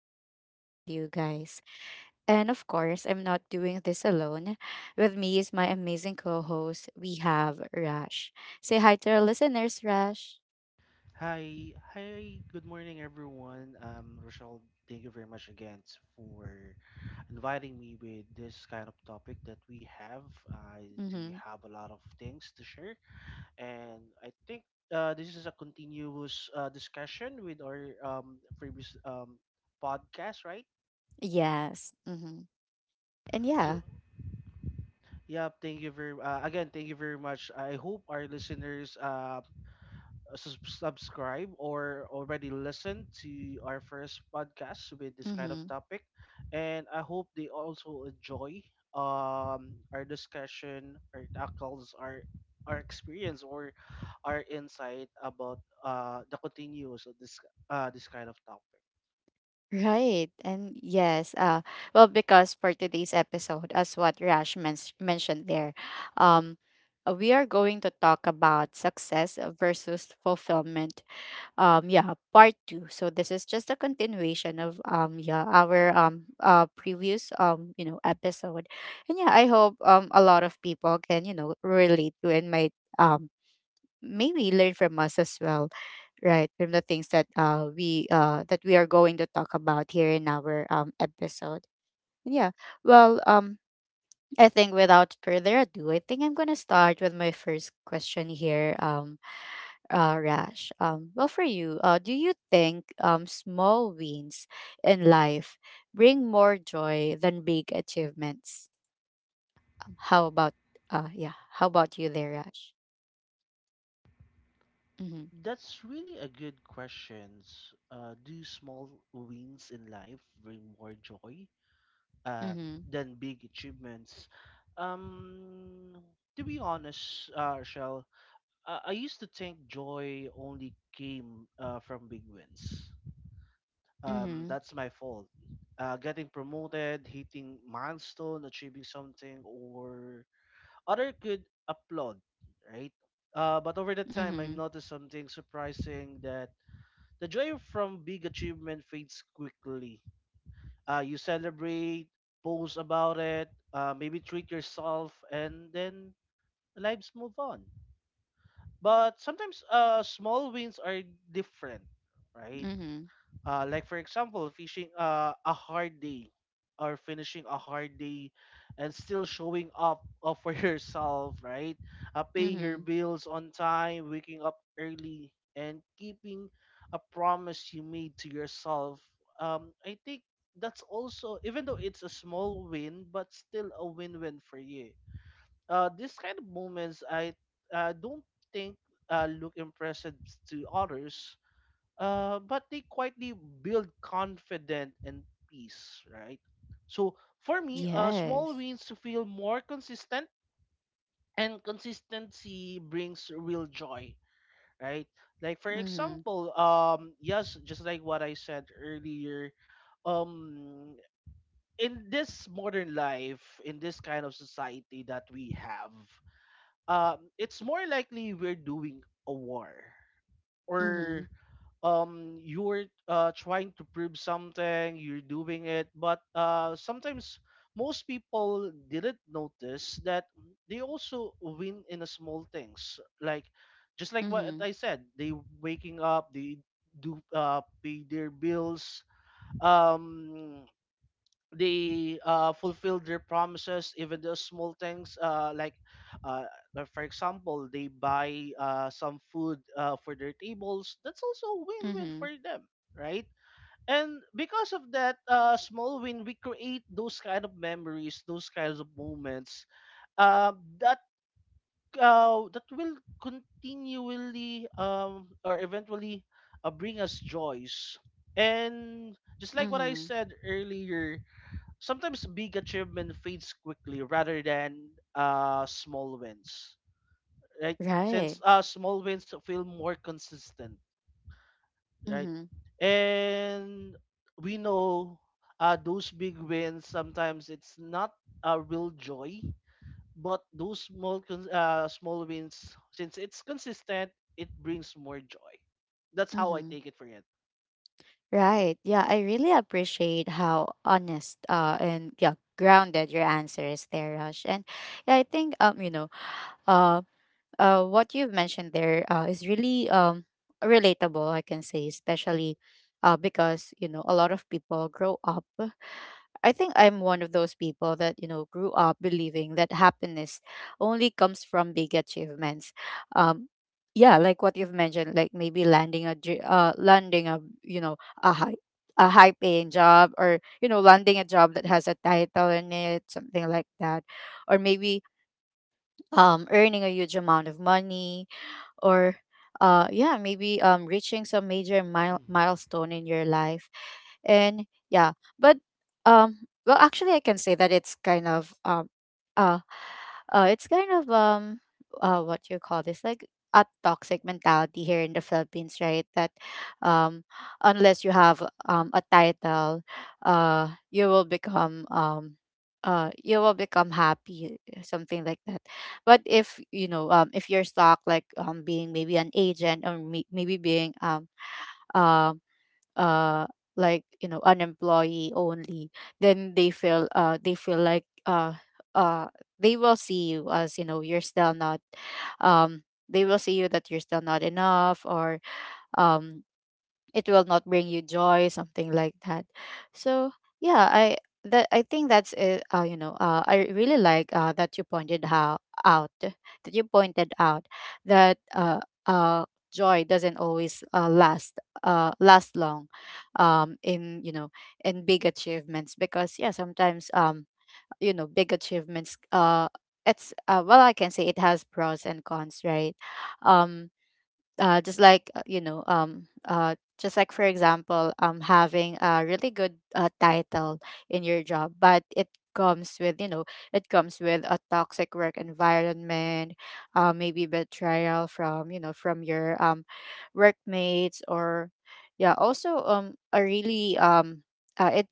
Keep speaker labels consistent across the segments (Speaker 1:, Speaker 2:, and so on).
Speaker 1: to spend time with you guys. And of course, I'm not doing this alone. With me is my amazing co host, we have Rash. Say hi to our listeners, Rash.
Speaker 2: Hi, hi, good morning, everyone. Rochelle, thank you very much again for inviting me with this kind of topic that we have. I do
Speaker 1: Mm-hmm.
Speaker 2: have a lot of things to share, and I think this is a continuous discussion with our previous podcast, right?
Speaker 1: Yes. Mm-hmm. And yeah.
Speaker 2: So, yeah, thank you very again, thank you very much. I hope our listeners subscribe or already listened to our first podcast with this kind of
Speaker 1: Mm-hmm.
Speaker 2: topic, and I hope they also enjoy our discussion, our tackles, our experience, or our insight about the continues of this this kind of topic.
Speaker 1: Right. And yes, well, because for today's episode, as what Rash mentioned there, um we are going to talk about success versus fulfillment. Yeah, part 2. So this is just a continuation of, yeah, our previous episode. And yeah, I hope a lot of people can, you know, relate to, and might maybe learn from us as well, right, from the things that we that we are going to talk about here in our episode. Yeah, well, I think without further ado, I'm gonna start with my first question here. Rash, well, for you, do you think small wins in life bring more joy than big achievements? How about— yeah, how about you there, Rash? Mm-hmm.
Speaker 2: That's really a good question. Do small wins in life bring more joy, um,
Speaker 1: Mm-hmm.
Speaker 2: than big achievements? Um, to be honest, Shell, I used to think joy only came from big wins.
Speaker 1: Mm-hmm.
Speaker 2: That's my fault. Getting promoted, hitting milestone, achieving something, or other could applaud, right? But over the time, I've
Speaker 1: Mm-hmm.
Speaker 2: noticed something surprising that the joy from big achievement fades quickly. You celebrate, post about it, maybe treat yourself, and then lives move on. But sometimes small wins are different, right?
Speaker 1: Mm-hmm.
Speaker 2: Like for example, fishing a hard day, or finishing a hard day and still showing up for yourself, right? Paying your
Speaker 1: Mm-hmm.
Speaker 2: bills on time, waking up early, and keeping a promise you made to yourself. I think that's also, even though it's a small win, but still a win-win for you. This kind of moments I don't think look impressive to others, but they quietly build confidence and peace, right? So for me, small
Speaker 1: Yes.
Speaker 2: wins to feel more consistent, and consistency brings real joy, right? Like for
Speaker 1: Mhm.
Speaker 2: example, yes, just like what I said earlier, um, in this modern life, in this kind of society that we have, it's more likely we're doing a war. Or
Speaker 1: Mhm.
Speaker 2: you're trying to prove something, you're doing it, but sometimes most people didn't notice that they also win in the small things, like just like what
Speaker 1: Mhm.
Speaker 2: I said, they waking up, they do pay their bills, um they fulfilled their promises, even the small things. Like, uh, for example, they buy some food for their tables. That's also a win-win for
Speaker 1: Mhm.
Speaker 2: them, right? And because of that small win, we create those kind of memories, those kinds of moments uh, that that will continually or eventually bring us joys. And just like what I
Speaker 1: Mhm.
Speaker 2: said earlier, sometimes big achievement fades quickly rather than small wins, right?
Speaker 1: Right.
Speaker 2: Since small wins feel more consistent, right?
Speaker 1: Mhm.
Speaker 2: And we know those big wins sometimes it's not a real joy, but those small wins, since it's consistent, it brings more joy. That's how I
Speaker 1: Mhm.
Speaker 2: take it for it.
Speaker 1: Right. Yeah, I really appreciate how honest, and yeah, grounded your answer is there, Rush. And yeah, I think, you know, um what you've mentioned there is really, relatable, I can say, especially because, you know, a lot of people grow up. I think I'm one of those people that, you know, grew up believing that happiness only comes from big achievements. Um, yeah, like what you've mentioned, like maybe landing a, you know, a high, a high paying job, or, you know, landing a job that has a title in it, something like that. Or maybe earning a huge amount of money, or yeah, maybe reaching some major
Speaker 2: hmm
Speaker 1: milestone in your life. And yeah, but well, actually, I can say that it's kind of— uh it's kind of, what you call this, like, a toxic mentality here in the Philippines, right, that um unless you have a title, you will become— you will become happy, something like that. But if you know, if you're stuck, like being maybe an agent, or maybe being, um uh, like, you know, an employee only, then they feel— uh they will see you as, you know, you're still not— um they will see you that you're still not enough, or um it will not bring you joy, something like that. So yeah, I think that's it. You know, I really like, that you pointed out that, uh, joy doesn't always, last— last long, in, you know, in big achievements, because yeah, sometimes, you know, big achievements, it's, well, I can say, it has pros and cons, right. um, just like, you know, just like, for example, having a really good, title in your job, but comes with you know it comes with a toxic work environment, maybe betrayal, from your workmates, or yeah, also a really, it—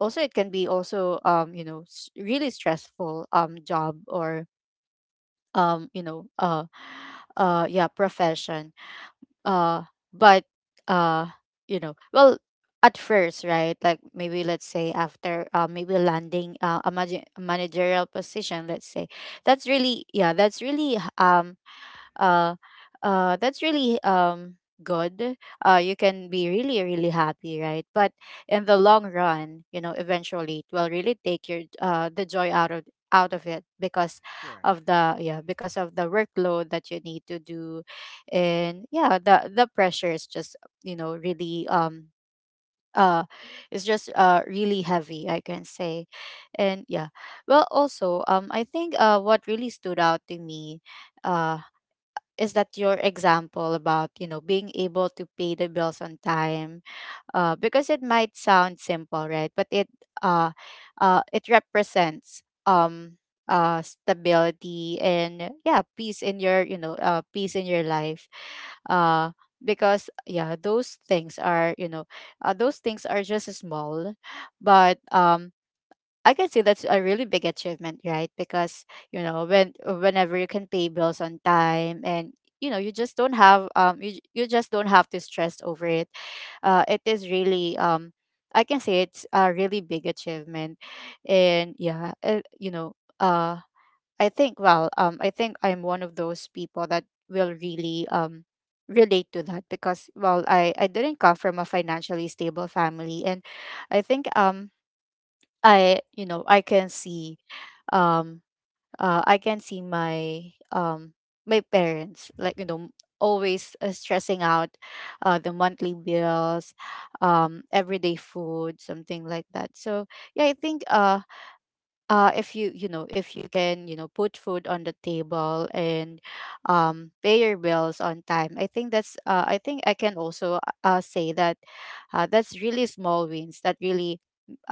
Speaker 1: also it can be also, you know, really stressful, job, or you know, yeah, profession. uh but, uh you know, well, at first, right, like maybe, let's say, after, maybe landing, a, a managerial position, let's say, that's really— yeah, that's really, uh that's really, good. You can be really really happy, right. But in the long run, you know, eventually it will really take your, the joy out of— it, because
Speaker 2: Correct.
Speaker 1: of the— yeah, because of the workload that you need to do, and yeah, the pressure is just, you know, really, uh it's just, really heavy, I can say. And yeah, well, also, I think, what really stood out to me, uh is that your example about, you know, being able to pay the bills on time, because it might sound simple, right? But it— uh, it represents, stability, and yeah, peace in your— peace in your life. Uh, because yeah, those things are just small, but, I can see that's a really big achievement, right? Because, you know, whenever you can pay bills on time and, you know, you just don't have to stress over it. It is really, I can say, it's a really big achievement, and yeah, you know, I think, well, I'm one of those people that will really, relate to that, because well, I didn't come from a financially stable family, and I think, I you know, I can see, um I can see my my parents, like, you know, always, stressing out, the monthly bills, everyday food, something like that. So yeah, I think, if you, you know, if you can, you know, put food on the table and pay your bills on time, I think that's, I can also, say that, that's really small wins that really,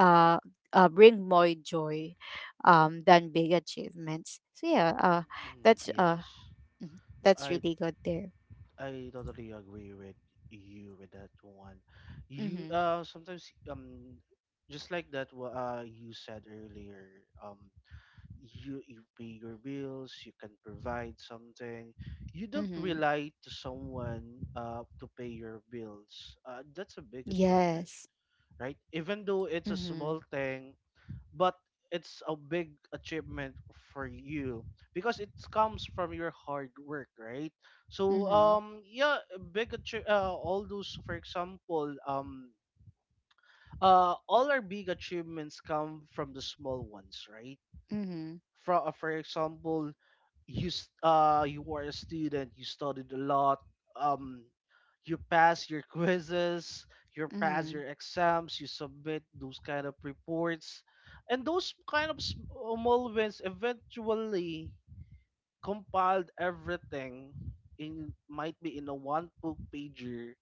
Speaker 1: uh, bring more joy, than big achievements. So yeah,
Speaker 2: Mm,
Speaker 1: that's,
Speaker 2: yes,
Speaker 1: mhm, that's
Speaker 2: I
Speaker 1: really good there.
Speaker 2: I totally agree with you with that one. You
Speaker 1: Mm-hmm.
Speaker 2: sometimes just like that you said earlier, you pay your bills, you can provide something, you don't
Speaker 1: Mm-hmm.
Speaker 2: rely to someone to pay your bills, that's a big achievement,
Speaker 1: Yes.
Speaker 2: right? Even though it's a
Speaker 1: Mm-hmm.
Speaker 2: small thing, but it's a big achievement for you, because it comes from your hard work, right? So
Speaker 1: Mm-hmm.
Speaker 2: yeah, all those, for example, all our big achievements come from the small ones, right?
Speaker 1: Mm-hmm.
Speaker 2: From for example, you were a student, you studied a lot, um you pass your quizzes, you pass
Speaker 1: Mm-hmm.
Speaker 2: your exams, you submit those kind of reports, and those kind of small wins eventually compiled everything in, might be in a one book pager,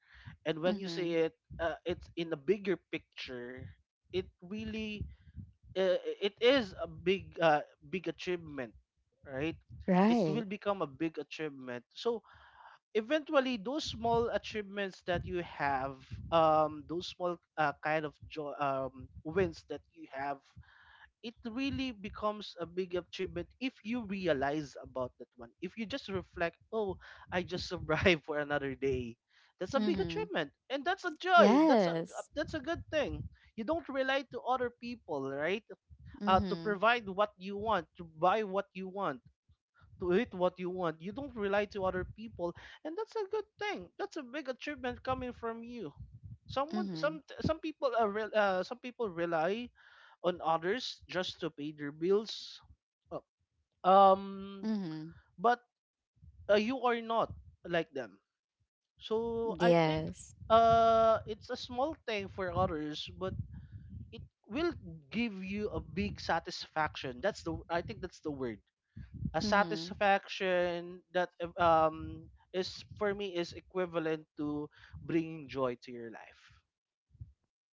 Speaker 2: and when you see
Speaker 1: Mm-hmm.
Speaker 2: it, it's in a bigger picture. It really it is a big big achievement, right? It
Speaker 1: Right.
Speaker 2: will become a big achievement. So eventually, those small achievements that you have, those small kind of joy wins that you have, it really becomes a big achievement if you realize about that one. If you just reflect, oh, I just survived for another day. That's a big
Speaker 1: Mm-hmm.
Speaker 2: achievement, and that's a joy.
Speaker 1: Yes.
Speaker 2: That's a good thing. You don't rely to other people, right? To
Speaker 1: Mhm.
Speaker 2: provide what you want, to buy what you want, to eat what you want. You don't rely to other people, and that's a good thing. That's a big achievement coming from you.
Speaker 1: Mhm.
Speaker 2: Some people rely on others just to pay their bills. Uh, Um,
Speaker 1: Mhm.
Speaker 2: but you are not like them. So I think
Speaker 1: Yes.
Speaker 2: it's a small thing for others, but it will give you a big satisfaction. That's the, I think that's the word. A
Speaker 1: Mhm.
Speaker 2: satisfaction that is, for me, is equivalent to bringing joy to your life.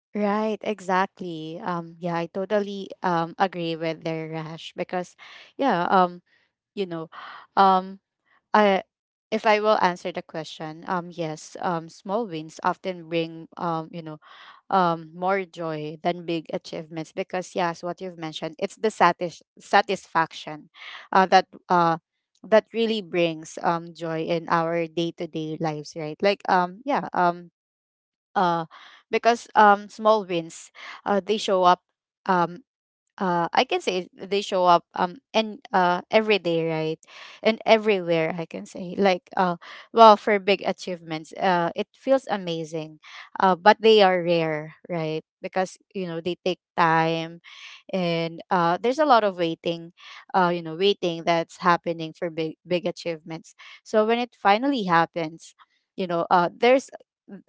Speaker 1: Right, exactly. Yeah, I totally agree with their, Rash, because, yeah, you know, um, I if I will answer the question, yes, small wins often bring, you know, more joy than big achievements, because yes, what you've mentioned, it's the satisfaction, that, that really brings, joy in our day-to-day lives, right, like, yeah, uh because small wins, they show up, um I can say, they show up, and, every day, right, and everywhere, I can say, like, well, for big achievements, it feels amazing, but they are rare, right, because you know, they take time, and there's a lot of waiting, you know, waiting that's happening for big, big achievements. So when it finally happens, you know, there's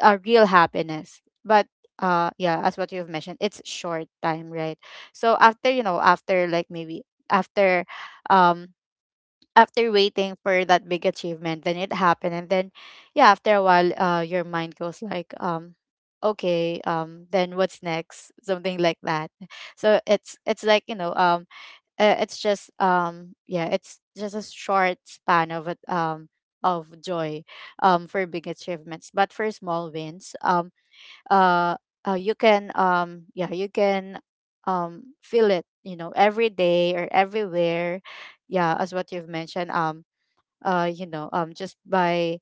Speaker 1: a real happiness, but yeah, as what you've mentioned, it's short time, right. So after, you know, after, like, maybe, after, um after waiting for that big achievement, then it happened, and then yeah, after a while, your mind goes like, okay, then what's next, something like that. So it's like, you know, it's just, yeah, it's just a short span of it, of joy, for big achievements. But for small wins, uh, you can feel it, you know, every day or everywhere. Yeah, as what you've mentioned, you know,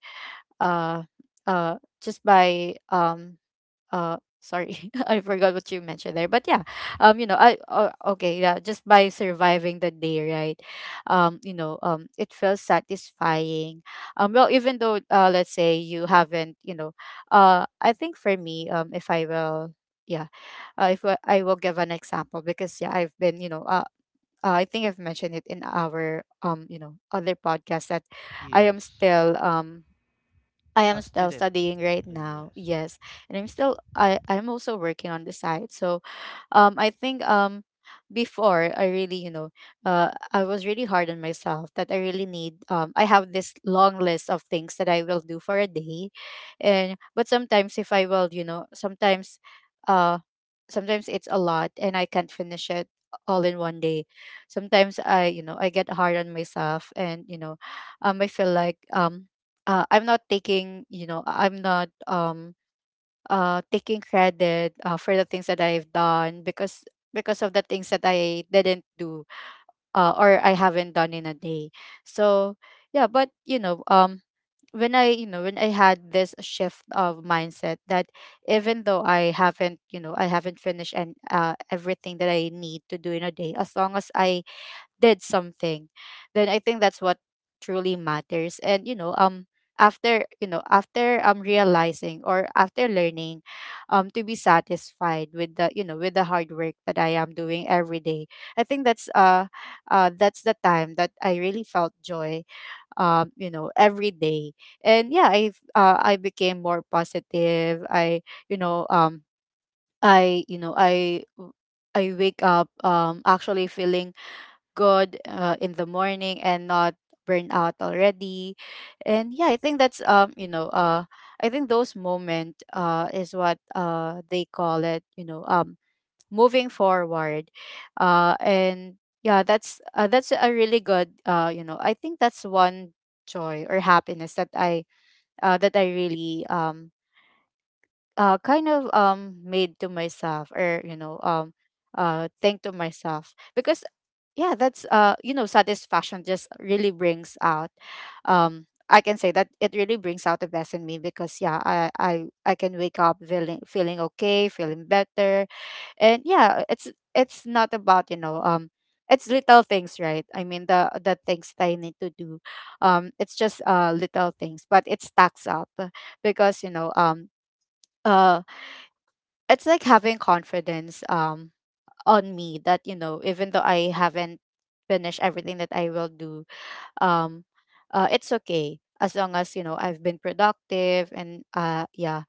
Speaker 1: uh uh just by— sorry, I forgot what you mentioned there, but yeah, you know, I okay, yeah, just by surviving the day, right. You know, it feels satisfying, well, even though, let's say you haven't, you know, I think, for me, if I will— yeah, if I will give an example, because yeah, I've been, you know, I think I've mentioned it in our, you know, other podcast, that I am
Speaker 2: Yes.
Speaker 1: still, I
Speaker 2: A
Speaker 1: am still
Speaker 2: student,
Speaker 1: studying right now.
Speaker 2: yes.
Speaker 1: Yes, and I'm still— I'm also working on the side. So, I think, before, I really, you know, I was really hard on myself, that I really need— I have this long list of things that I will do for a day. And but sometimes, if I will, you know, sometimes, uh sometimes, it's a lot and I can't finish it all in one day. Sometimes, I you know, I get hard on myself, and you know, I feel like, I'm not taking, you know, I'm not taking credit, for the things that I've done, because of the things that I didn't do, or I haven't done in a day. So yeah, but you know, um, when I had this shift of mindset that even though I haven't finished and everything that I need to do in a day, as long as I did something, then I think that's what truly matters and you know After realizing or after learning to be satisfied with the with the hard work that I am doing every day, I think that's that's the time that I really felt joy, every day. And yeah, I became more positive I you know I you know I wake up actually feeling good in the morning and not burn out already. And yeah, I think that's you know I think those moment is what they call it, moving forward. And Yeah, that's a really good, I think that's one joy or happiness that I that I really kind of made to myself, or think to myself, because yeah, that's you know satisfaction just really brings out, I can say that it really brings out the best in me, because yeah, I can wake up feeling okay, feeling better. And yeah, it's not about, it's little things, right? I mean the things that I need to do, it's just little things, but it stacks up, because uh it's like having confidence on me that you know even though I haven't finished everything that I will do. um it's okay, as long as you know I've been productive. and uh yeah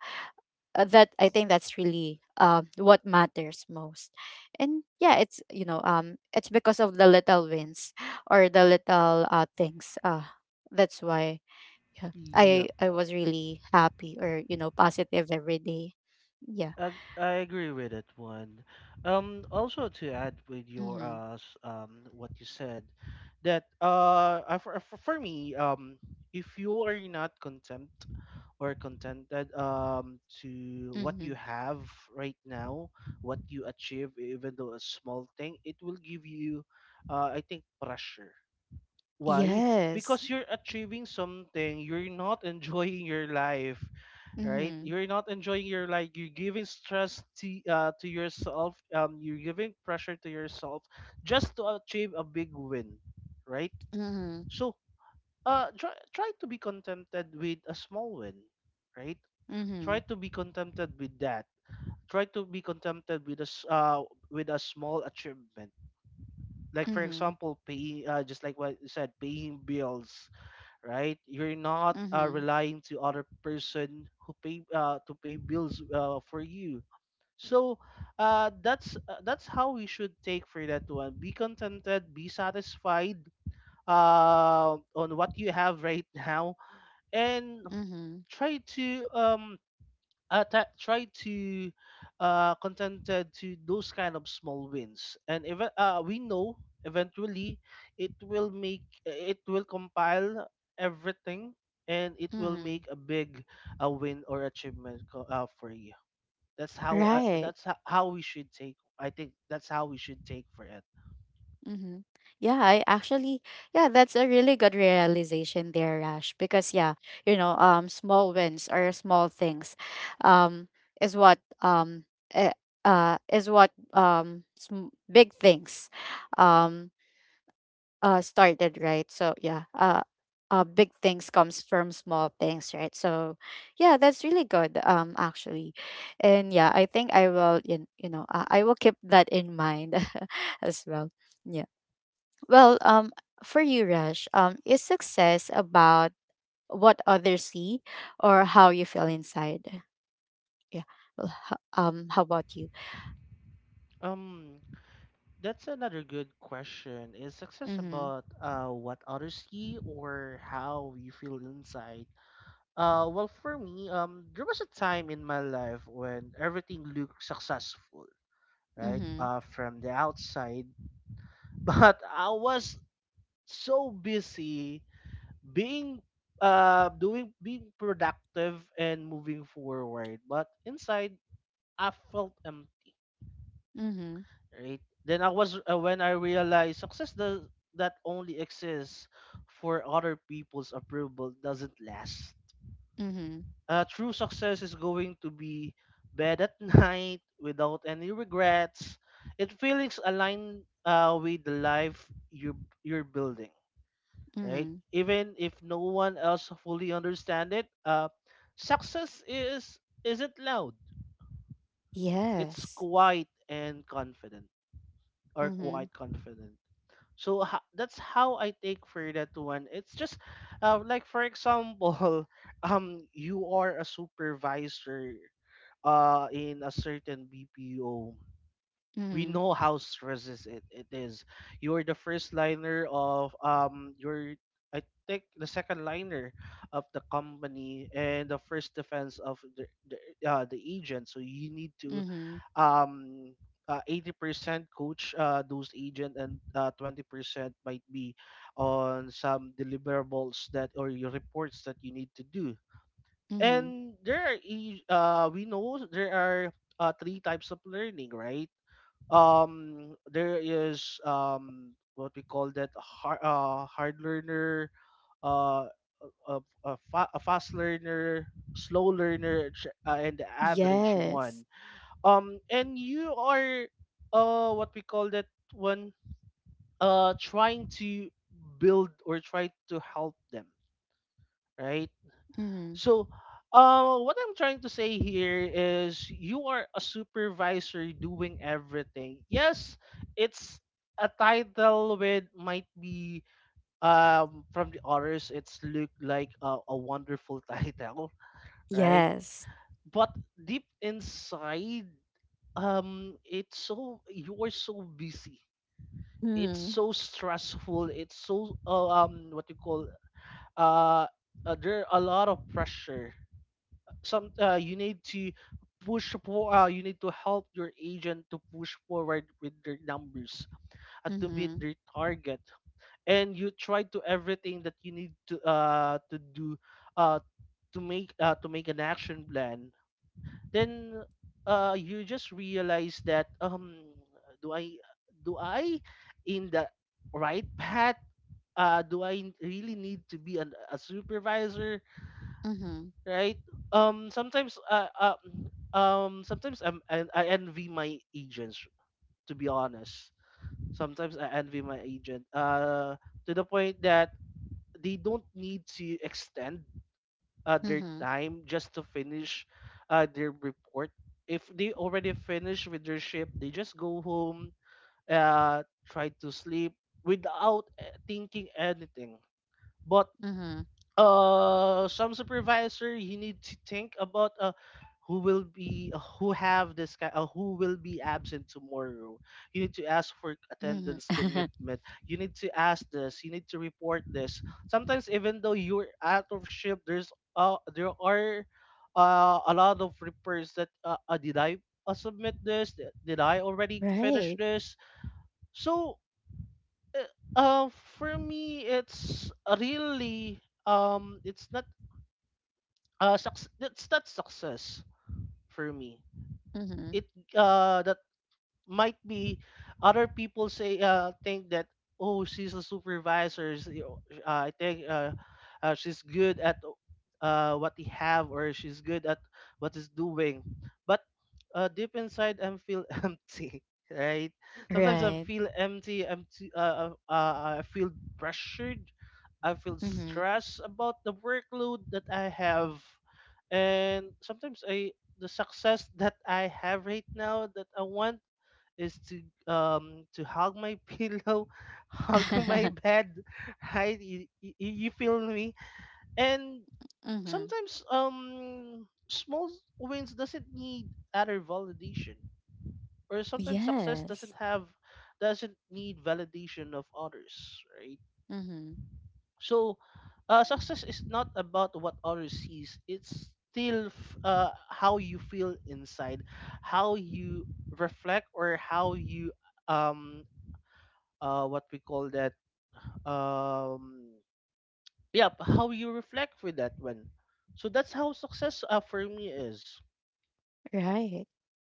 Speaker 1: uh, that I think that's really what matters most. And yeah, it's, it's because of the little wins or the little things, that's why yeah,
Speaker 2: Yep.
Speaker 1: I was really happy, or you know, positive every day. Yeah.
Speaker 2: I, I agree with that one. Also to add with your
Speaker 1: Mm-hmm.
Speaker 2: what you said, that for me if you are not content or contented to what you
Speaker 1: Mm-hmm.
Speaker 2: have right now, what you achieve, even though a small thing, it will give you, I think, pressure. Why?
Speaker 1: Yes.
Speaker 2: Because you're achieving something, you're not enjoying your life, right?
Speaker 1: Mm-hmm.
Speaker 2: You're not enjoying your life, you're giving stress to yourself, you're giving pressure to yourself just to achieve a big win, right?
Speaker 1: Mm-hmm.
Speaker 2: So try to be contented with a small win, right? Try
Speaker 1: Mhm.
Speaker 2: to be contented with that. Try to be contented with with a small achievement, like for
Speaker 1: Mhm.
Speaker 2: example paying, just like what you said, paying bills, right? You're not
Speaker 1: Mhm.
Speaker 2: relying to other person who pay, to pay bills for you. So that's how we should take for that one. Be contented, be satisfied on what you have right now, and
Speaker 1: Mhm.
Speaker 2: try to try to contented to those kind of small wins, and even we know eventually it will make, it will compile everything, and it will
Speaker 1: Mhm.
Speaker 2: make a big, a win or achievement, for you. That's how,
Speaker 1: Right.
Speaker 2: how we should take, I think that's how we should take for it.
Speaker 1: Mm-hmm. Yeah, I actually, yeah, that's a really good realization there, Rash. Because yeah, you know, small wins or small things, um, is what um, eh, is what, sm- big things, um, started, right? So yeah, big things comes from small things, right? So yeah, that's really good, actually. And yeah, I think I will, you know, I will keep that in mind as well. Yeah. Well, for you, Rush, is success about what others see or how you feel inside? Yeah. Well, how about you?
Speaker 2: um that's another good question. Is success
Speaker 1: Mm-hmm.
Speaker 2: about what others see or how you feel inside? Well, for me, there was a time in my life when everything looked successful, right?
Speaker 1: Mm-hmm.
Speaker 2: From the outside, but I was so busy being, doing, being productive and moving forward. But inside, I felt empty.
Speaker 1: Mm-hmm.
Speaker 2: Right? Then I was when I realized success does that only exists for other people's approval doesn't last.
Speaker 1: Mm-hmm.
Speaker 2: True success is going to be bed at night without any regrets. It feelings aligned with the life you're you're building, right?
Speaker 1: Mm-hmm.
Speaker 2: Even if no one else fully understand it, success is isn't loud. It's
Speaker 1: Yes.
Speaker 2: quiet and confident, or
Speaker 1: Mm-hmm.
Speaker 2: quite confident. So that's how I take for that one. It's just like for example, you are a supervisor in a certain BPO, we
Speaker 1: Mm-hmm.
Speaker 2: know how stresses it, it is. You're the first liner of you're, I think, the second liner of the company, and the first defense of the agent. So you need to
Speaker 1: Mm-hmm.
Speaker 2: um 80% coach those agent, and 20% might be on some deliverables that or your reports that you need to do.
Speaker 1: Mhm.
Speaker 2: And there are we know there are three types of learning, right? There is what we call that hard learner, uh a fast learner, slow learner, and the average
Speaker 1: Yes.
Speaker 2: one. And you are what we call that one trying to build or try to help them, right?
Speaker 1: Mhm.
Speaker 2: So, what I'm trying to say here is you are a supervisor doing everything. Yes, it's a title with might be, from the others it's look like a wonderful title, right?
Speaker 1: Yes.
Speaker 2: But deep inside, it's so, you are so busy. It's
Speaker 1: Mhm.
Speaker 2: so stressful. It's so what you call, uh, there are a lot of pressure. Some, you need to push for, you need to help your agent to push forward with their numbers and to meet
Speaker 1: Mhm.
Speaker 2: their target, and you try to everything that you need to do, uh to make an action plan. Then you just realize that, do I, do I, in the right path? Do I really need to be a supervisor,
Speaker 1: Mhm.
Speaker 2: right? Sometimes, sometimes I envy my agents. To be honest, sometimes I envy my agent. To the point that they don't need to extend their
Speaker 1: Mhm.
Speaker 2: time just to finish their report. If they already finish with their shift, they just go home, uh, try to sleep without thinking anything. But
Speaker 1: Mhm.
Speaker 2: some supervisor you need to think about who will be who have this kind who will be absent tomorrow. You need to ask for
Speaker 1: Mhm.
Speaker 2: attendance commitment, you need to ask this, you need to report this. Sometimes even though you're out of shift there's there are a lot of reports that did I submit this, did I already finish
Speaker 1: Right.
Speaker 2: this? So uh, uh for me it's really, it's not that's not success for me.
Speaker 1: Mhm.
Speaker 2: It uh the might be other people say think that, oh, she's a supervisor, you know, I think she's good at what they have, or she's good at what is doing. But deep inside I feel empty, right? Sometimes I
Speaker 1: Right.
Speaker 2: feel empty, I feel pressured, I feel
Speaker 1: Mhm.
Speaker 2: stressed about the workload that I have. And sometimes I, the success that I have right now that I want is to hug my pillow, hug my
Speaker 1: Mhm.
Speaker 2: bed, right? You feel me? And sometimes, small wins doesn't need other validation, or sometimes success doesn't
Speaker 1: Yes.
Speaker 2: have, doesn't need validation of others, right?
Speaker 1: Mhm.
Speaker 2: So success is not about what others sees, it's still how you feel inside, how you reflect, or how you um what we call that, um yeah, how you reflect with that one. So that's how success for me is.
Speaker 1: Right.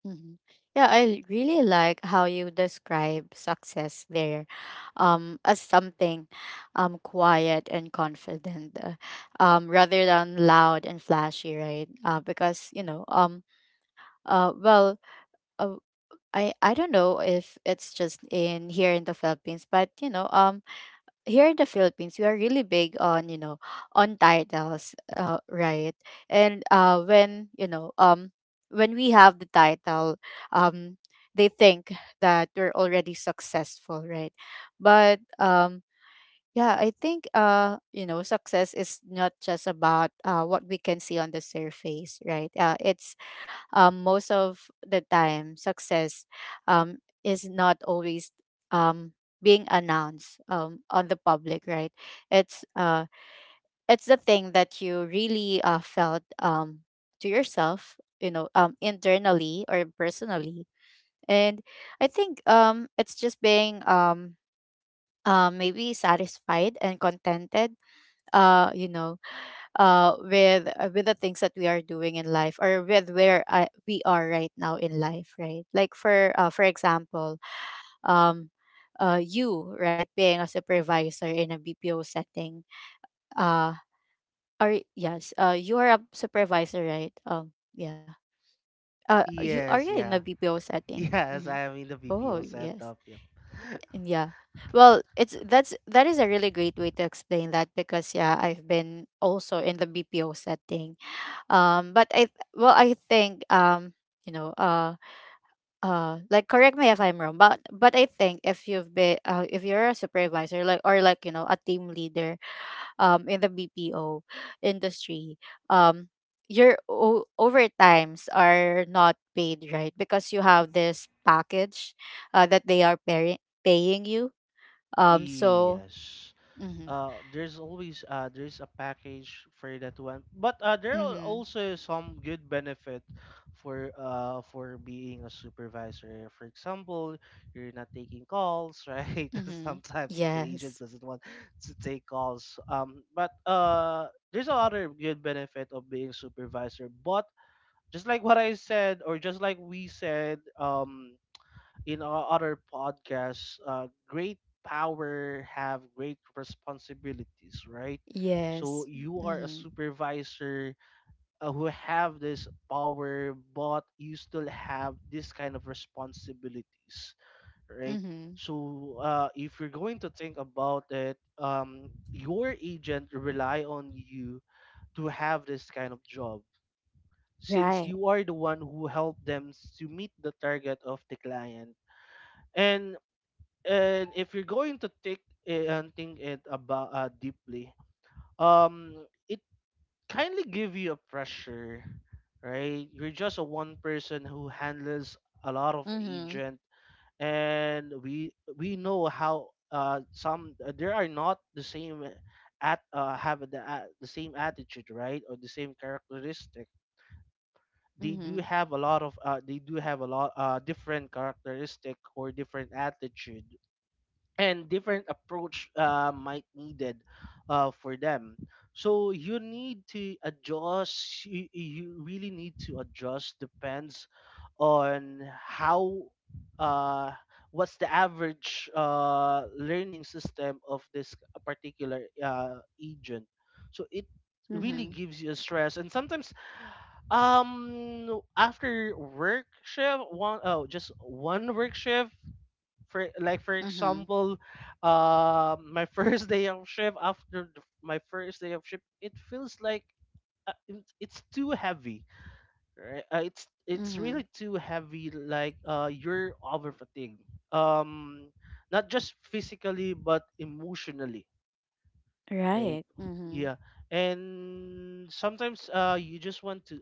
Speaker 1: Mhm. Yeah, I really like how you describe success there, as something quiet and confident, rather than loud and flashy, right? Because, you know, Uh, well, uh, I don't know if it's just in here in the Philippines, but you know, here in the Philippines, we are really big on, you know, on titles, right? And when, when we have the title, um, they think that we're already successful, right? But. Yeah, I think you know success is not just about what we can see on the surface, right? It's, most of the time success um, is not always um, being announced, on the public, right? it's uh, it's the thing that you really felt, to yourself, you know, internally or personally. And I think, it's just being, maybe satisfied and contented, you know, with, with the things that we are doing in life, or with where we are right now in life, right? Like for, for example, um you, right, being a supervisor in a BPO setting, uh are, yes, you are a supervisor, right? Yeah you are, you
Speaker 2: Yes,
Speaker 1: in a
Speaker 2: yeah.
Speaker 1: BPO setting.
Speaker 2: Yes,
Speaker 1: Mm-hmm.
Speaker 2: I am in the
Speaker 1: Oh
Speaker 2: BPO
Speaker 1: yes.
Speaker 2: setup. Yep.
Speaker 1: Yeah, well, it's that's that is a really great way to explain that, because yeah, I've been also in the BPO setting, but I think, um you know uh like correct me if I'm wrong, but I think if you've been, if you're a supervisor, like, or like, you know, a team leader, in the BPO industry, um your o- overtimes are not paid, right? Because you have this package that they are paying you. So.
Speaker 2: Yes,
Speaker 1: Mm-hmm.
Speaker 2: there's always there's a package for that one, but there are
Speaker 1: Mm-hmm.
Speaker 2: also some good benefit for being a supervisor. For example, you're not taking calls right?
Speaker 1: Hmm.
Speaker 2: Sometimes the
Speaker 1: Yes.
Speaker 2: agents doesn't want to take calls. But there's a other good benefit of being supervisor. But just like what I said, or just like we said, in our other podcasts, great power have great responsibilities, right? So
Speaker 1: Yes.
Speaker 2: you are a
Speaker 1: Mm-hmm.
Speaker 2: supervisor who have this power, but you still have this kind of responsibilities, right?
Speaker 1: Mm-hmm.
Speaker 2: So if you're going to think about it, your agent rely on you to have this kind of job, since
Speaker 1: Right.
Speaker 2: you are the one who helped them to meet the target of the client. And if you're going to take it and think it about deeply, um it kindly give you a pressure, right? You're just a one person who handles a lot of
Speaker 1: Mhm.
Speaker 2: agent, and we know how some there are not the same at have the same attitude, right? Or the same characteristic. They do
Speaker 1: Mhm.
Speaker 2: have a lot of they do have a lot different characteristic or different attitude and different approach might needed for them. So you need to adjust, you really need to adjust depends on how, uh, what's the average learning system of this particular agent. So it really
Speaker 1: Mhm.
Speaker 2: gives you a stress. And sometimes, after work shift, one oh just one work shift, for like for
Speaker 1: Mhm.
Speaker 2: example, my first day of shift, after my first day of shift it feels like, it's too heavy, right? It's
Speaker 1: Mhm.
Speaker 2: really too heavy, like you're over fatigued, um not just physically but emotionally. Right.
Speaker 1: Right. Mhm.
Speaker 2: Yeah. And sometimes you just want to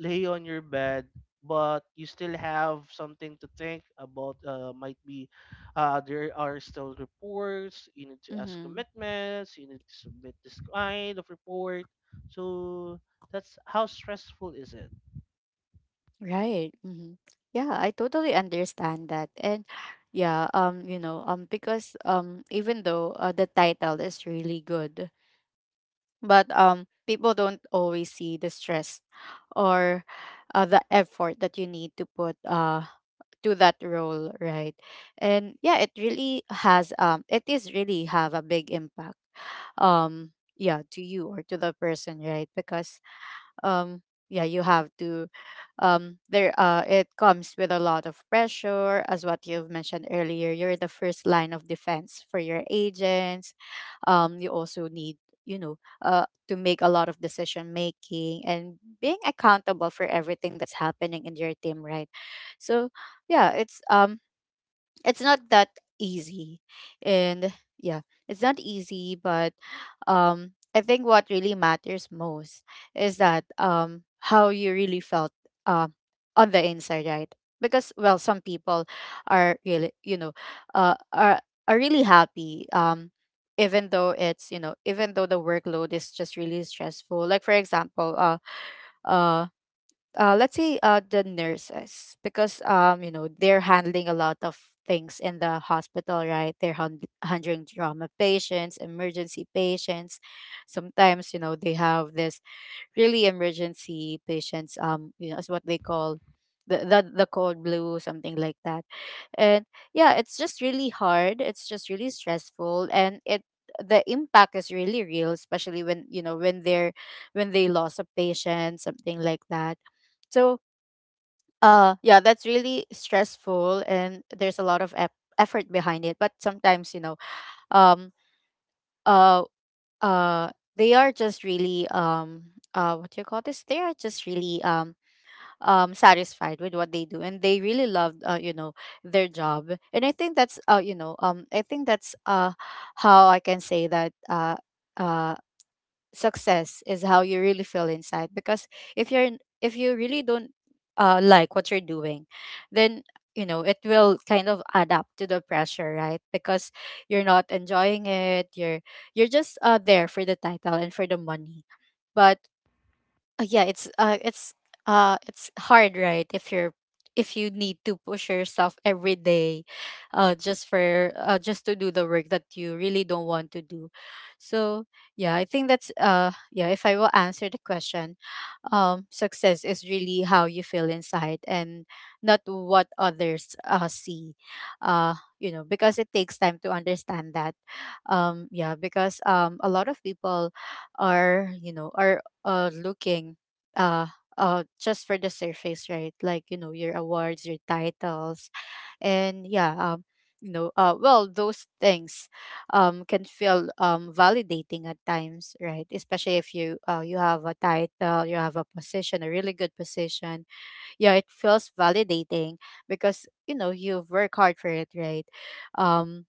Speaker 2: lay on your bed, but you still have something to think about. Might be there are still reports, you need to ask
Speaker 1: Mhm.
Speaker 2: commitments, you need to submit this kind of report. So that's how stressful is it.
Speaker 1: Right. Mhm. Yeah, I totally understand that. And yeah, because even though the title is really good, but people don't always see the stress or the effort that you need to put to that role, right? And yeah, it really has, it is really have a big impact, yeah, to you or to the person, right? Because um yeah, you have to, there it comes with a lot of pressure, as what you've mentioned earlier, you're the first line of defense for your agents. You also need, you know, to make a lot of decision making, and being accountable for everything that's happening in your team, right? So yeah, it's not that easy. And yeah, it's not easy, but I think what really matters most is that, how you really felt um on the inside, right? Because, well, some people are really, you know, uh are are really happy, even though it's, you know, even though the workload is just really stressful. Like for example, um let's say, the nurses, because you know they're handling a lot of things in the hospital, right? They're hand- handling trauma patients, emergency patients. Sometimes you know they have this really emergency patients, you know, is what they call the, the cold blue, something like that. And yeah, it's just really hard, it's just really stressful, and it, the impact is really real, especially when you know when they're, when they lost a patient, something like that. So yeah, that's really stressful, and there's a lot of ep- effort behind it. But sometimes, you know, um, uh, uh, they are just really, what do you call this? They are just really, satisfied with what they do, and they really love, you know, their job. And I think that's, I think that's how I can say that, uh success is how you really feel inside. Because if you're n- if you really don't like what you're doing, then, you know, it will kind of add up to the pressure, right? Because you're not enjoying it, you're just there for the title and for the money. But yeah, it's hard, right? If you're, if you need to push yourself every day, just for, just to do the work that you really don't want to do. So, yeah, I think that's yeah, if I will answer the question, success is really how you feel inside, and not what others, see. You know, because it takes time to understand that. Yeah, because a lot of people are, you know, are looking, uh, just for the surface, right? Like, you know, your awards, your titles, and yeah, you know, well those things can feel, validating at times, right? Especially if you you have a title, you have a position, a really good position. Yeah, it feels validating because you know you've worked hard for it, right? Um,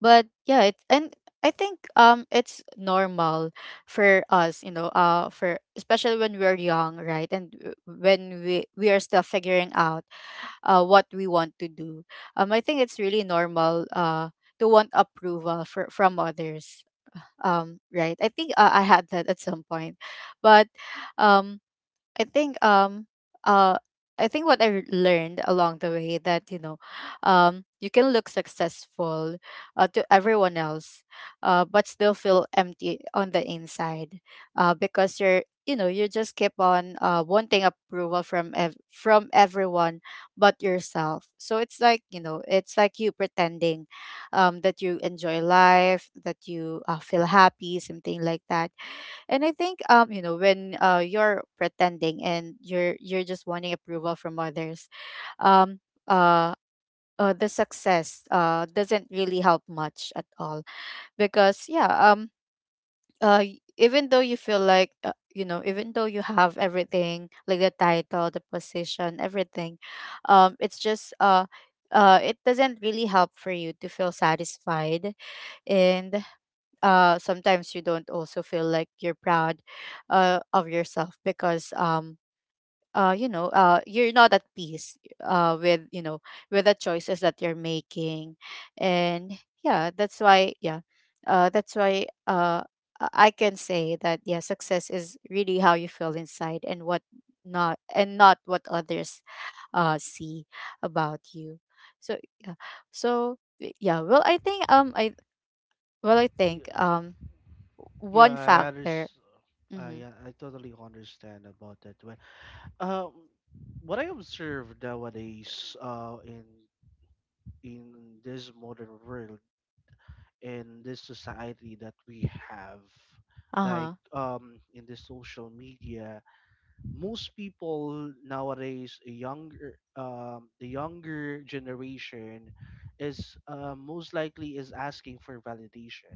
Speaker 1: but yeah, it, and I think it's normal for us, you know, for especially when we're young, right? And w- when we are still figuring out what we want to do. I think it's really normal, to want approval for, from others. Right. I think I had that at some point, but um, I think um uh I think what I learned along the way, that you know, you can look successful to everyone else, but still feel empty on the inside, because you're, you know, you just keep on wanting approval from from everyone but yourself. So it's like, you know, it's like you pretending, that you enjoy life, that you, feel happy, something like that. And I think, you know, when you're pretending and you're just wanting approval from others, um uh, the success doesn't really help much at all, because yeah, even though you feel like, you know, even though you have everything, like the title, the position, everything. It's just, it doesn't really help for you to feel satisfied. And sometimes you don't also feel like you're proud of yourself, because you know, you're not at peace, with, you know, with the choices that you're making. And yeah, that's why. Yeah, that's why I can say that, yeah, success is really how you feel inside and what — not, and not what others see about you. So yeah. So yeah, well, I think, I well, I think,
Speaker 2: Yeah. Yeah,
Speaker 1: one
Speaker 2: I
Speaker 1: factor.
Speaker 2: understand.
Speaker 1: Mm-hmm.
Speaker 2: Yeah, I totally understand about that one. um what I observe nowadays in this modern world, in this society that we have, like
Speaker 1: Uh-huh.
Speaker 2: in the social media, most people nowadays, a younger, the younger generation is most likely is asking for validation.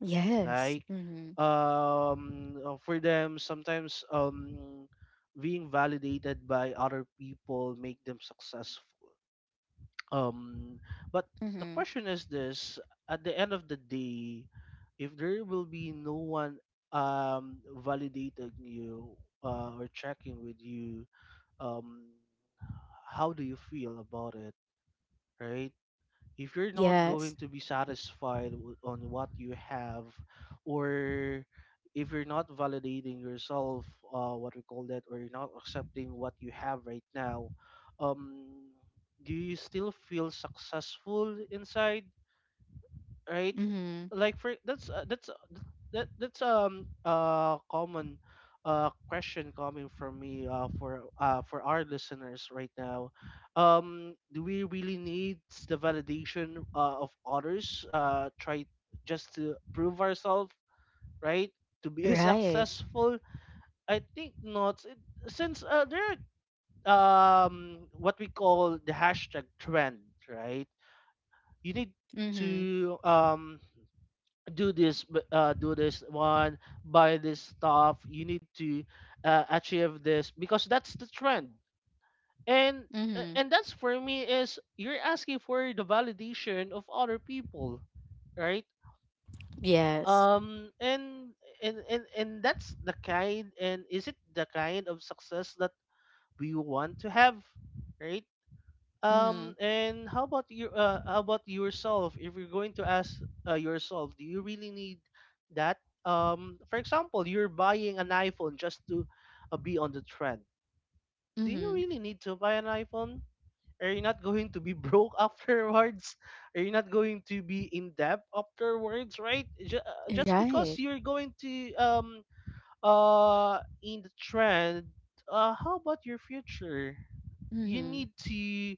Speaker 1: Yes.
Speaker 2: Like,
Speaker 1: Mm-hmm.
Speaker 2: for them sometimes, being validated by other people make them successful. Um, but the
Speaker 1: Mm-hmm.
Speaker 2: question is this: at the end of the day, if there will be no one validating you, or checking with you, um, how do you feel about it, right? If you're not
Speaker 1: Yes.
Speaker 2: going to be satisfied on what you have, or if you're not validating yourself, what we call that, or you're not accepting what you have right now, um do you still feel successful inside, right?
Speaker 1: Mm-hmm.
Speaker 2: Like for that's th- that that's common question coming from me for our listeners right now. Do we really need the validation of others? Try just to prove ourselves, right? To be
Speaker 1: Right.
Speaker 2: successful, I think not. It, since there are what we call the hashtag trend, right? You need
Speaker 1: Mm-hmm.
Speaker 2: to do this, do this one, buy this stuff, you need to achieve this because that's the trend. And
Speaker 1: Mm-hmm.
Speaker 2: that's for me is you're asking for the validation of other people, right?
Speaker 1: Yes.
Speaker 2: um and and that's the kind, and is it the kind of success that we want to have, right? Um,
Speaker 1: Mm-hmm.
Speaker 2: and how about your, how about yourself? If you're going to ask yourself, do you really need that? For example, you're buying an iPhone just to be on the trend. Do you
Speaker 1: Mm-hmm.
Speaker 2: really need to buy an iPhone? Are you not going to be broke afterwards? Are you not going to be in debt afterwards? Right? Just because
Speaker 1: Right.
Speaker 2: you're going to in the trend. How about your future? You
Speaker 1: Mm-hmm.
Speaker 2: need to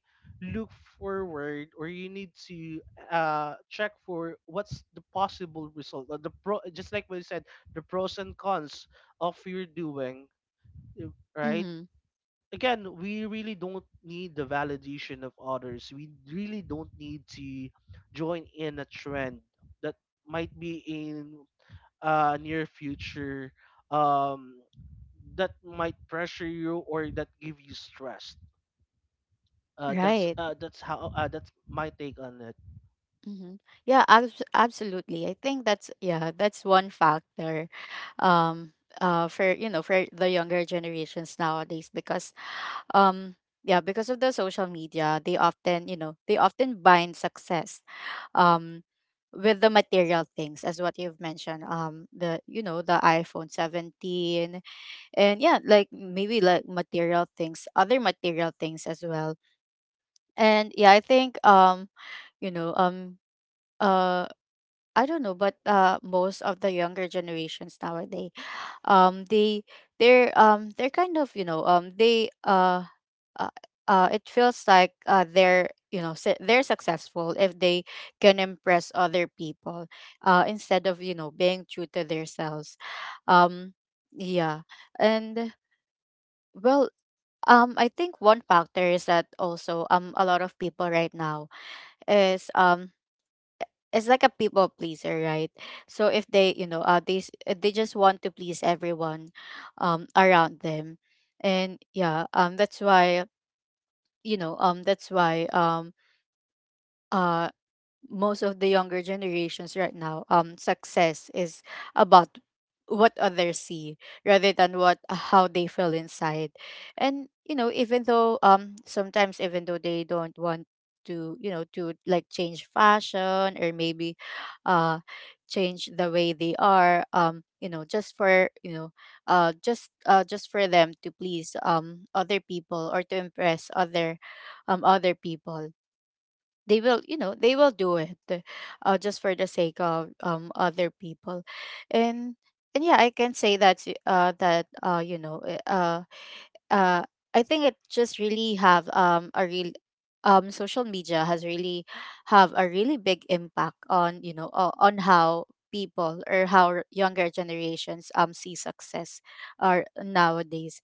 Speaker 2: look forward, or you need to check for what's the possible result, or the pro, just like we said, the pros and cons of your doing, right?
Speaker 1: Mm-hmm.
Speaker 2: Again, we really don't need the validation of others, we really don't need to join in a trend that might be in near future, um that might pressure you, or that give you stress.
Speaker 1: Right.
Speaker 2: That's how, that's my take on it.
Speaker 1: Mm-hmm. Yeah, absolutely. I think that's, yeah, that's one factor. Um for, you know, for the younger generations nowadays, because, um yeah, because of the social media, they often, you know, they often bind success um with the material things, as what you've mentioned, the, you know, the iphone 17, and yeah, like maybe like material things, other material things as well. And yeah, I think, you know, uh I don't know, but most of the younger generations nowadays, um they they're kind of, you know, they uh, it feels like, they're, you know, they're successful if they can impress other people, instead of, you know, being true to themselves. um yeah. And, well, I think one factor is that also, a lot of people right now is — it's like a people pleaser, right? So if they, you know, they just want to please everyone around them. And yeah, that's why, you know, that's why uh most of the younger generations right now, success is about what others see rather than what, how they feel inside. And you know, even though, sometimes even though they don't want to, you know, to like change fashion, or maybe uh change the way they are, you know, just for, you know, just for them to please, other people, or to impress other people, they will, you know, they will do it, just for the sake of other people. and and yeah, I can say that you know, uh I think it just really have, a real — social media has really have a really big impact on, you know, on how people, or how younger generations, see success are nowadays.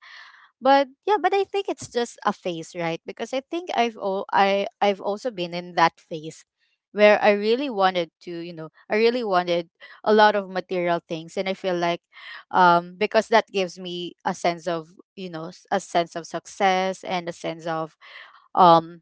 Speaker 1: But yeah, but I think it's just a phase, right? Because I think I've all I I've also been in that phase, where I really wanted to, you know, I really wanted a lot of material things, and I feel like, because that gives me a sense of, you know, a sense of success, and a sense of, um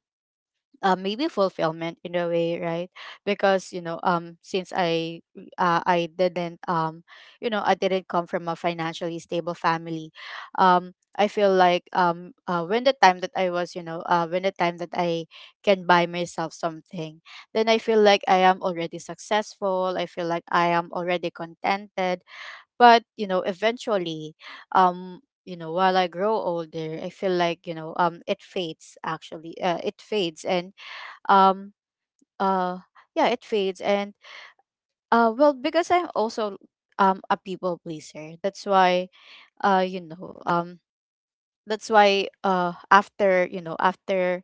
Speaker 1: maybe fulfillment in a way, right? Because you know, since I didn't, you know, I didn't come from a financially stable family. I feel like, when the time that I was, you know, when the time that I can buy myself something, then I feel like I am already successful, I feel like I am already contented. But you know, eventually, um you know, while I grow older, I feel like, you know, it fades, actually. It fades. And um uh yeah, it fades. And well, because I'm also a people pleaser, that's why, you know, that's why after, you know, after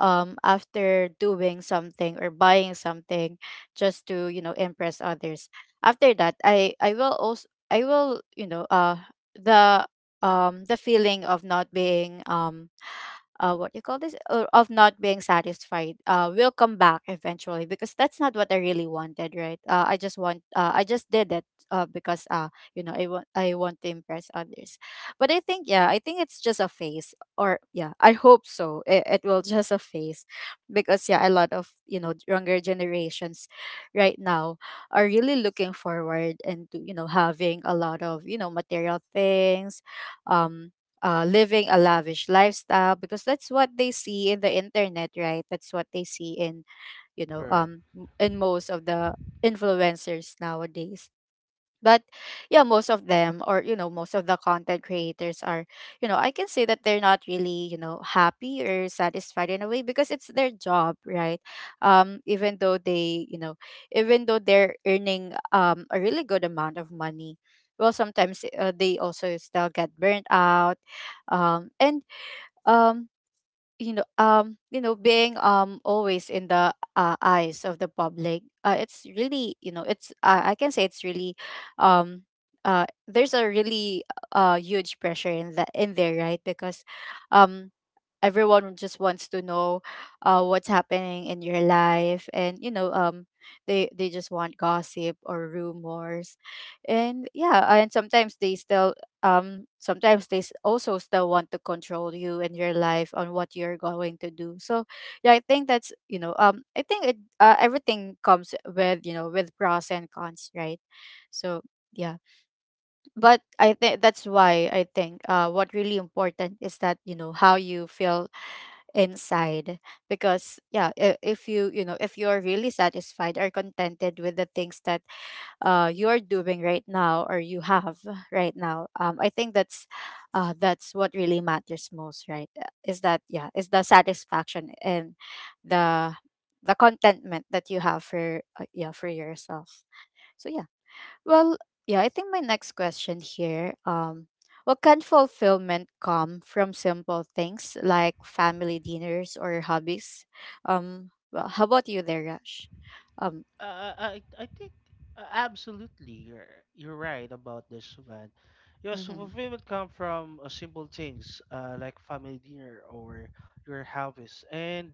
Speaker 1: um after doing something or buying something, just to, you know, impress others. After that, I will also, I will, you know, the the feeling of not being, what you call this, or of not being satisfied, will come back eventually, because that's not what I really wanted, right? I just want, I just did it, because you know, I want to impress others. But I think, yeah, I think it's just a phase, or yeah, I hope so. It will just a phase. Because yeah, a lot of, you know, younger generations right now are really looking forward into, you know, having a lot of, you know, material things, um living a lavish lifestyle, because that's what they see in the internet, right? That's what they see in, you know,
Speaker 2: Sure.
Speaker 1: in most of the influencers nowadays. But yeah, most of them, or you know, most of the content creators are — you know, I can say that they're not really, you know, happy or satisfied in a way, because it's their job, right? Even though they, you know, even though they're earning a really good amount of money, well sometimes, they also still get burnt out. And, um you know, you know, being always in the, eyes of the public, it's really, you know, it's, I can say it's really, um there's a really huge pressure in that, in there, right? Because um everyone just wants to know, what's happening in your life, and you know, they just want gossip or rumors. And yeah, and sometimes they still, sometimes also still want to control you and your life on what you're going to do, so. Yeah, I think that's, you know, I think it, everything comes with, you know, with pros and cons, right? So yeah. But I think that's why I think, what really important is that, you know, how you feel inside. Because yeah, if you, you know, if you are really satisfied or contented with the things that you are doing right now, or you have right now, I think that's, that's what really matters most, right? Is that, yeah, is the satisfaction and the the contentment that you have for, yeah, for yourself. So yeah. Well, yeah, I think my next question here, what can fulfillment come from simple things like family dinners or hobbies? Well, how about you there, Rush? Um,
Speaker 2: Uh, I I I think absolutely you're right about this, man. Yeah, so
Speaker 1: mm-hmm,
Speaker 2: fulfillment come from simple things like family dinner or your harvest. And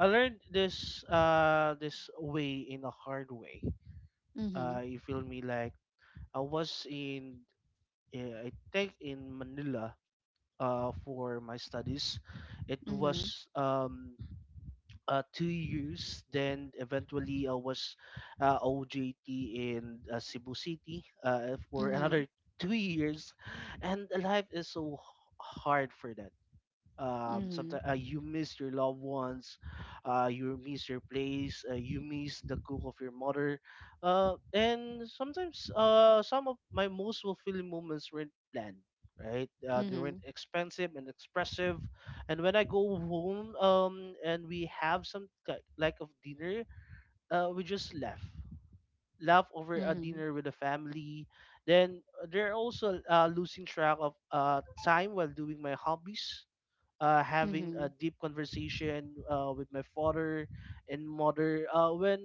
Speaker 2: I learned this this way in a hard way.
Speaker 1: mm-hmm,
Speaker 2: You feel me? Like I was in, I think in Manila for my studies. It
Speaker 1: mm-hmm,
Speaker 2: was 2 years. Then eventually I was OJT in Cebu City for another two years, and life is so hard for that.
Speaker 1: mm-hmm,
Speaker 2: Sometimes you miss your loved ones, you miss your place, you miss the cook of your mother. And sometimes some of my most fulfilling moments weren't planned, right? They
Speaker 1: mm-hmm,
Speaker 2: weren't expensive and expressive. And when I go home, and we have some like of dinner, we just laugh over a
Speaker 1: mm-hmm,
Speaker 2: dinner with the family. Then they're also losing track of time while doing my hobbies, having
Speaker 1: mm-hmm,
Speaker 2: a deep conversation with my father and mother. When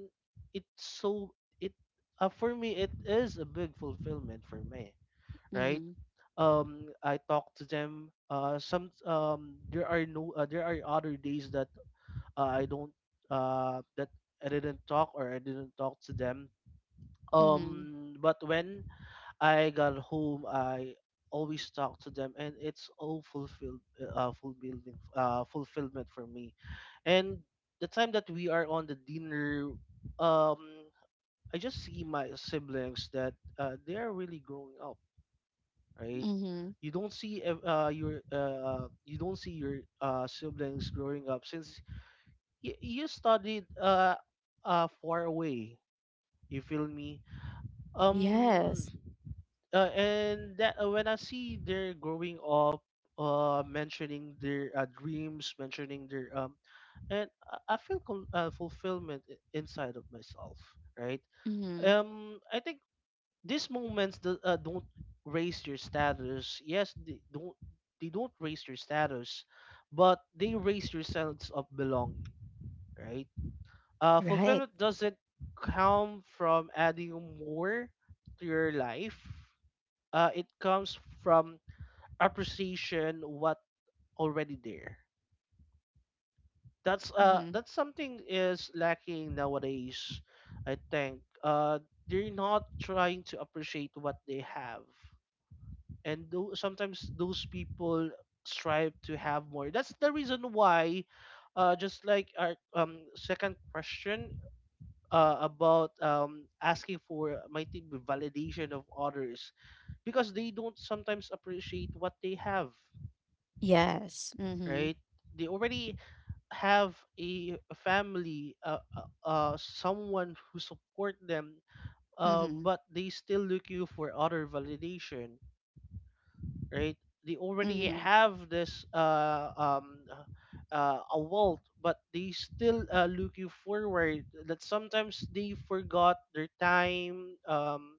Speaker 2: it's so, it, for me it is a big fulfillment for me,
Speaker 1: mm-hmm,
Speaker 2: right?
Speaker 1: mm-hmm,
Speaker 2: Um, I talk to them some there are no, there are other days that I don't that I didn't talk, or I didn't talk to them.
Speaker 1: mm-hmm,
Speaker 2: But when I got home, I always talk to them, and it's all fulfilled, fulfilling, fulfillment for me. And the time that we are on the dinner, um, I just see my siblings that they are really growing up, right?
Speaker 1: mm-hmm.
Speaker 2: You don't see, your you don't see your siblings growing up since you studied far away. You feel me? Um,
Speaker 1: Yes.
Speaker 2: and that when I see they're growing up, mentioning their dreams, mentioning their and I feel fulfillment inside of myself, right?
Speaker 1: Mm-hmm.
Speaker 2: I think these moments that don't raise your status. Yes, they don't. They don't raise your status, but they raise your sense of belonging, right?
Speaker 1: Right.
Speaker 2: Fulfillment doesn't come from adding more to your life, it comes from appreciation what already there.
Speaker 1: Mm-hmm.
Speaker 2: That's something is lacking nowadays. I think they're not trying to appreciate what they have, and sometimes those people strive to have more. That's the reason why. Just like our second question, about, asking for, might it be validation of others, because they don't sometimes appreciate what they have,
Speaker 1: Yes. Mm-hmm.
Speaker 2: right? They already have a family, someone who support them,
Speaker 1: Mm-hmm.
Speaker 2: but they still look you for other validation, right? They already
Speaker 1: Mm-hmm.
Speaker 2: have this a wealth, but they still look you forward. That sometimes they forgot their time, um,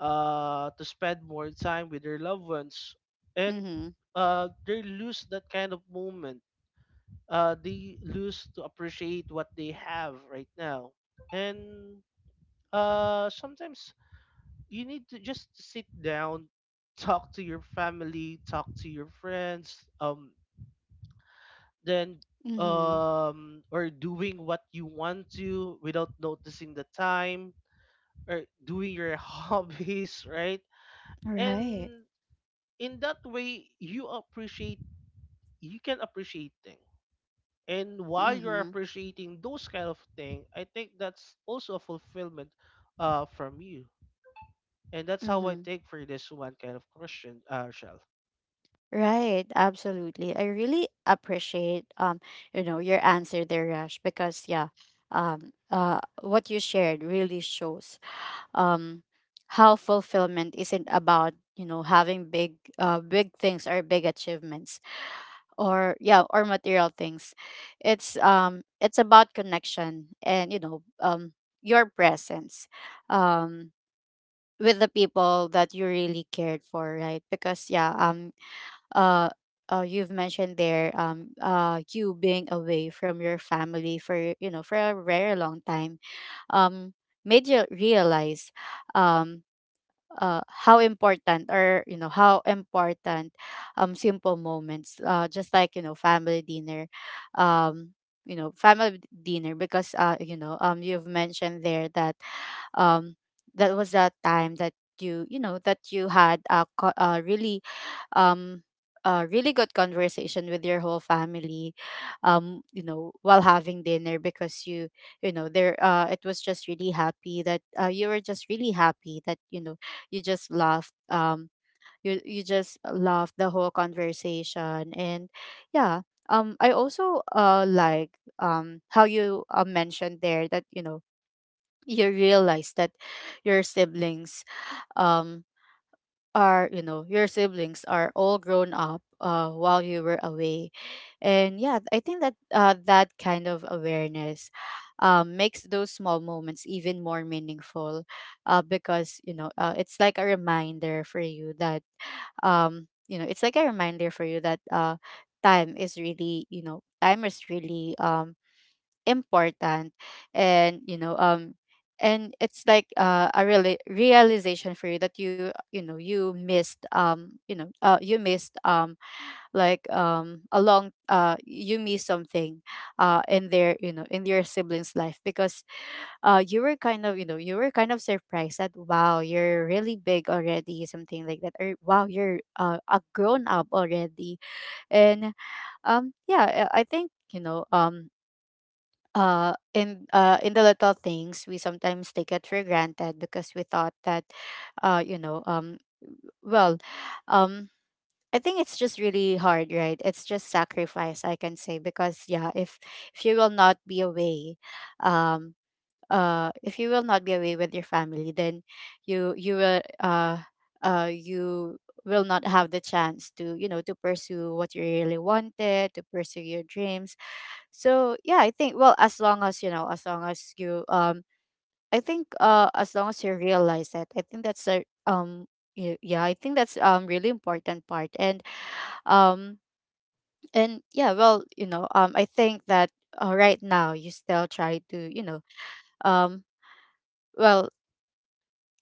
Speaker 2: uh, to spend more time with their loved ones, and
Speaker 1: Mm-hmm.
Speaker 2: they lose that kind of moment. They lose to appreciate what they have right now. And sometimes you need to just sit down, talk to your family, talk to your friends, then
Speaker 1: Mm-hmm.
Speaker 2: or doing what you want to without noticing the time, or doing your hobbies, right?
Speaker 1: Right.
Speaker 2: And in that way, you appreciate, you can appreciate things. And while you're
Speaker 1: Mm-hmm.
Speaker 2: appreciating those kind of thing, I think that's also a fulfillment from you. And that's how I
Speaker 1: Mm-hmm.
Speaker 2: take for this one kind of question, uh, Shell.
Speaker 1: Right, absolutely. I really appreciate, you know, your answer there, Rash, because yeah, what you shared really shows, um how fulfillment isn't about, you know, having big, big things, or big achievements, or yeah, or material things. It's about connection and, you know, your presence, um with the people that you really cared for, right? Because yeah, uh, you've mentioned there, you being away from your family for, you know, for a very long time, um made you realize, um how important, or you know, how important simple moments, just like, you know, family dinner. um you know, family dinner, because you know, you've mentioned there that, um that was that time that you know, that you had a really, um a really good conversation with your whole family, you know, while having dinner, because you know there, it was just really happy that, you were just really happy that, you know, you just laughed. You just laughed the whole conversation, and yeah. I also like, how you mentioned there, that you know, you realize that your siblings, um are — you know, your siblings are all grown up, while you were away. And yeah, I think that, that kind of awareness, makes those small moments even more meaningful, because you know, it's like a reminder for you that, you know, it's like a reminder for you that, time is really, you know, time is really, important. And you know, and it's like, a real realization for you, that you know, you missed, you know, you missed, a long — you missed something, in their, you know, in your siblings life, because you were kind of, you know, you were kind of surprised that, wow, you're really big already, something like that, or wow, you're, a grown up already. And yeah, I think, you know, in the little things we sometimes take it for granted, because we thought that, you know, well, um I think it's just really hard, right? It's just sacrifice, I can say, because yeah, if you will not be away, um, if you will not be away with your family, then you you will uh you will not have the chance to pursue what you really wanted, to pursue your dreams. So yeah, I think, well, as long as you I think, as long as you realize that, I think that's a y- yeah, I think that's really important part. And, um, and yeah, well, I think that, right now you still try to, um, well,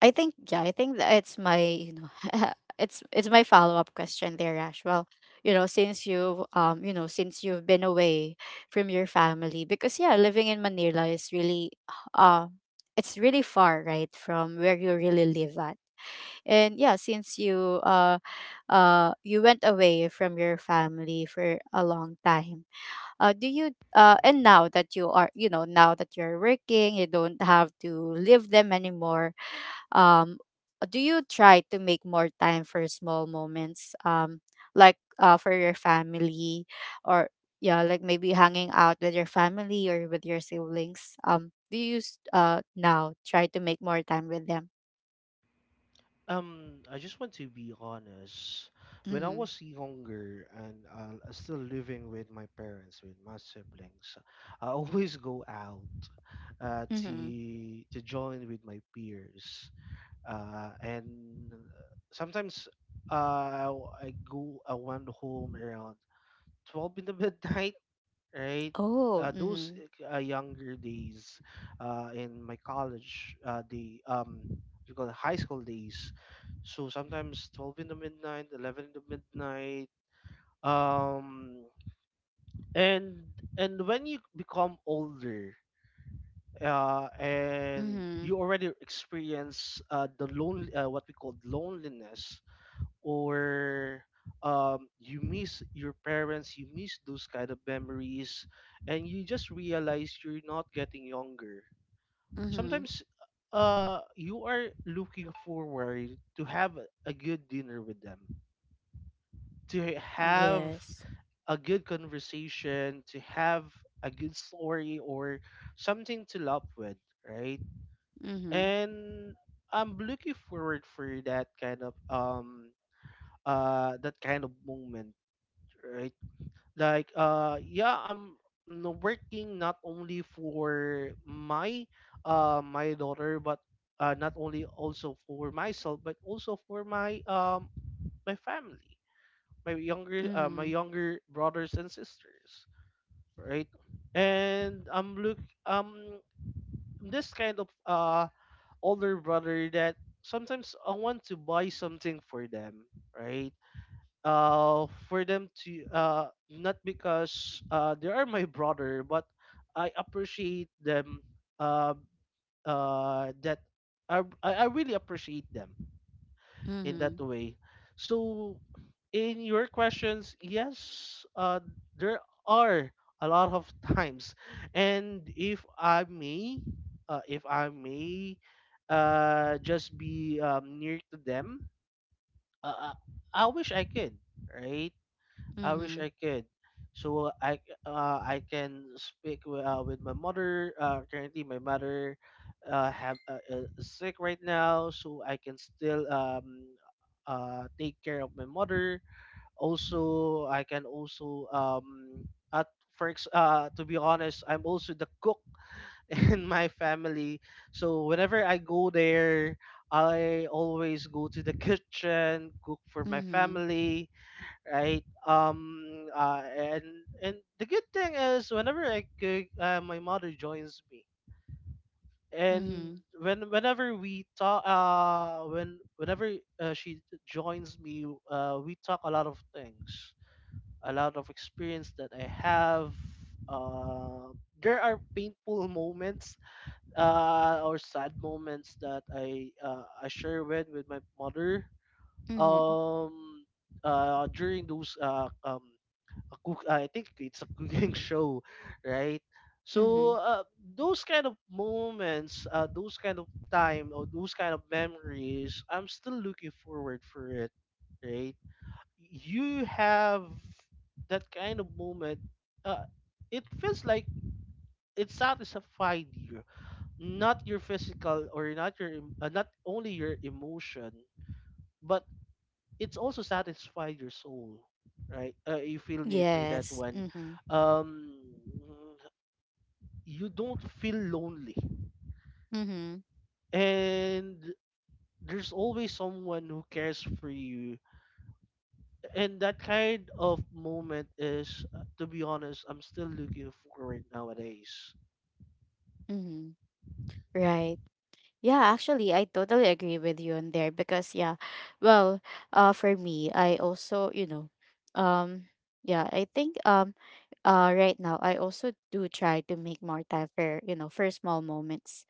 Speaker 1: I think that it's my it's my follow up question there, Ash. Well, since you you know since you've been away from your family, because yeah, living in Manila is really, uh it's really far, right, from where you really live at. And yeah, since you went away from your family for a long time, do you
Speaker 2: Mhm.
Speaker 1: and now that you are you know now that you're working, you don't have to leave them anymore, um do you try to make more time for small moments, like, for your family, or yeah, like, maybe hanging out with your family or with your siblings, do you, now try to make more time with them?
Speaker 2: I just want to be honest. When I
Speaker 1: Mm-hmm.
Speaker 2: was younger and still living with my parents, with my siblings, I always go out uh
Speaker 1: Mm-hmm.
Speaker 2: to to join with my peers, and sometimes, uh, I went home around 12 in the midnight, right?
Speaker 1: Oh,
Speaker 2: Those
Speaker 1: mm-hmm.
Speaker 2: younger days in my college, the what you call it, high school days. So sometimes 12 in the midnight, 11 in the midnight. Um, and and when you become older, and
Speaker 1: Mm-hmm.
Speaker 2: you already experience, the lone what we call loneliness, or you miss your parents, you miss those kind of memories, and you just realize you're not getting younger.
Speaker 1: Mm-hmm.
Speaker 2: Sometimes you are looking forward to have a good dinner with them, to have
Speaker 1: Yes,
Speaker 2: a good conversation, to have a good story or something to laugh with, right?
Speaker 1: mm-hmm.
Speaker 2: And I'm looking forward for that kind of moment, right? Like, uh, yeah, I'm working not only for my my daughter, but not only also for myself, but also for my my family, my
Speaker 1: Mm-hmm.
Speaker 2: younger brothers and sisters, right? And I'm look, um this kind of older brother that sometimes I want to buy something for them, right? Uh, for them to, uh, not because, uh, they are my brother, but I appreciate them, uh that I really appreciate them in that way. So, in your questions, yes, uh, there are a lot of times. And if I may, if I may just be, near to them, uh, i I wish I could, right?
Speaker 1: Mm-hmm.
Speaker 2: I wish
Speaker 1: Mm-hmm.
Speaker 2: I could. So I can speak with my mother. Currently, my mother have is sick right now, so I can still take care of my mother. Also, I can also, um, to be honest, I'm also the cook in my family. So whenever I go there, I always go to the kitchen, cook for my
Speaker 1: Mm-hmm.
Speaker 2: family, right? And the good thing is whenever I cook, my mother joins me, and
Speaker 1: Mm-hmm.
Speaker 2: whenever we talk, when whenever she joins me, we talk a lot of things, a lot of experience that I have. Uh, there are painful moments, or sad moments that I share with my mother.
Speaker 1: Mm-hmm.
Speaker 2: Um, During those a cook, I think it's a cooking show, right?
Speaker 1: Mm-hmm.
Speaker 2: So those kind of moments, those kind of time or those kind of memories, I'm still looking forward for it, right? You have that kind of moment. Uh, it feels like it satisfied you, not your physical or not only your emotion, but it's also satisfied your soul, right? Uh, you feel me for that
Speaker 1: Yes,
Speaker 2: one.
Speaker 1: mm-hmm.
Speaker 2: um you don't feel lonely,
Speaker 1: Mm-hmm.
Speaker 2: and there's always someone who cares for you, and that kind of moment is, to be honest, I'm still looking for it nowadays.
Speaker 1: Mm-hmm. Right. Yeah, actually, I totally agree with you on there, because yeah, well, for me, I also, um, yeah, I think right now I also do try to make more time for for small moments.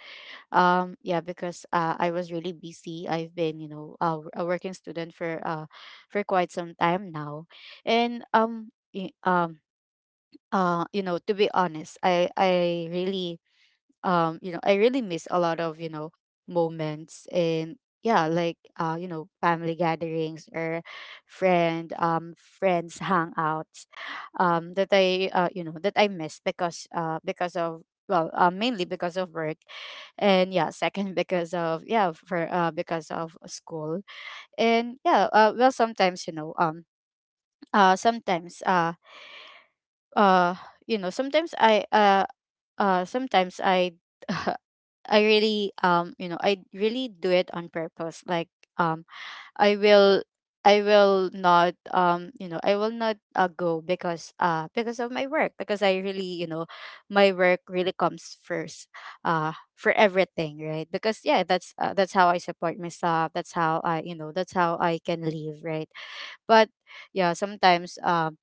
Speaker 1: Yeah, because, I was really busy. I've been, a working student for quite some time now, and, to be honest, I really, miss a lot of, moments, and yeah, like, family gatherings, or friends hangouts, that I you know that I miss because, because of, well, mainly because of work, and yeah, second because of, yeah, for because of school. And yeah, well, sometimes, sometimes, uh sometimes I sometimes I I really do it on purpose. Like, um I will I will not, go, because, because of my work, because I really, my work really comes first, for everything, right? Because yeah, that's how I support myself, that's how I, that's how I can live, right? But yeah, sometimes, um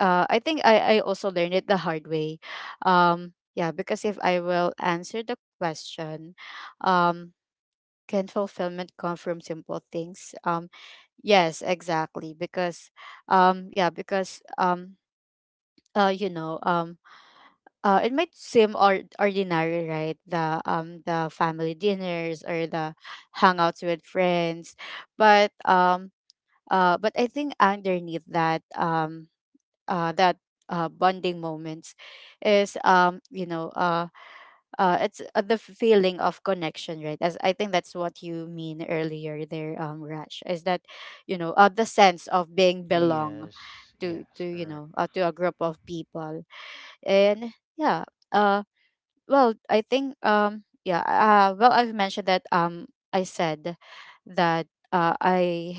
Speaker 1: uh, I think I also learned it the hard way. Yeah, because if I will answer the question, um, can fulfillment come from simple things? Yes, exactly. Because, yeah, because, uh, you know, um, it might seem, ordinary, right? The, family dinners, or the hangouts with friends, but, but I think underneath that, uh, that bonding moments is, it's, the feeling of connection, right? As I think that's what you mean earlier there, Rash, is that, the sense of being belong,
Speaker 2: Yes,
Speaker 1: to
Speaker 2: yes,
Speaker 1: you
Speaker 2: correct.
Speaker 1: know to a group of people. And yeah, uh well, I think, yeah, well, I've mentioned that, I said that, uh i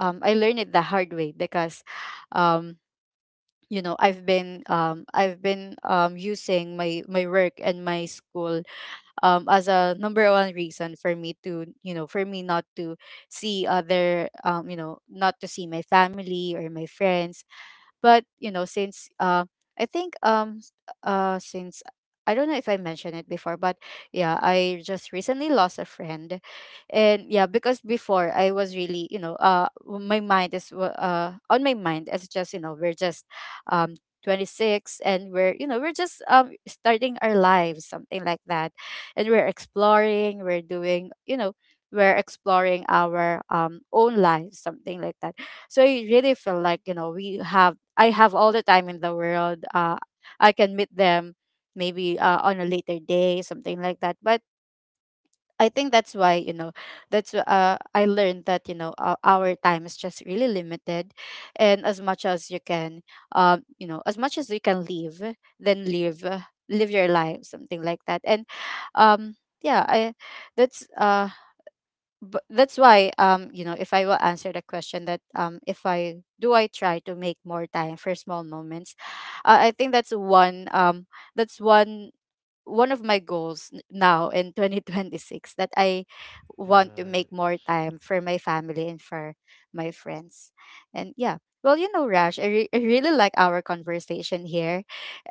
Speaker 1: I learned it the hard way because, um I've been, using my work and my school, as a number one reason for me to, for me not to see other, not to see my family or my friends. But, you know, I think um s- since I don't know if I mentioned it before, but yeah, I just recently lost a friend, and yeah, because before I was really, my mind is, on my mind, it's just, we're just um 26, and we're you know we're just starting our lives, something like that, and we're exploring, we're doing, we're exploring our, own lives, something like that. So I really feel like, we have I have all the time in the world. I can meet them maybe, on a later day, something like that. But I think that's why, that's I learned that, our time is just really limited, and as much as you can, as much as you can live, then live, live your life, something like that. And, um, yeah, I that's but that's why, if I will answer the question that, if I do, I try to make more time for small moments, I think that's one, that's one one of my goals, now in 2026, that I want to make more
Speaker 2: Yes.
Speaker 1: time for my family and for my friends. And yeah, well, you know, Rash, I really like our conversation here,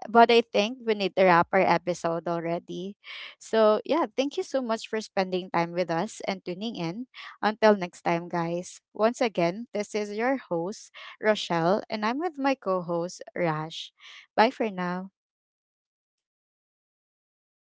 Speaker 1: but I think we need to wrap our episode already. So, yeah, thank you so much for spending time with us and tuning in. Until next time, guys. Once again, this is your host, Rochelle, and I'm with my co host, Rash. Bye for now.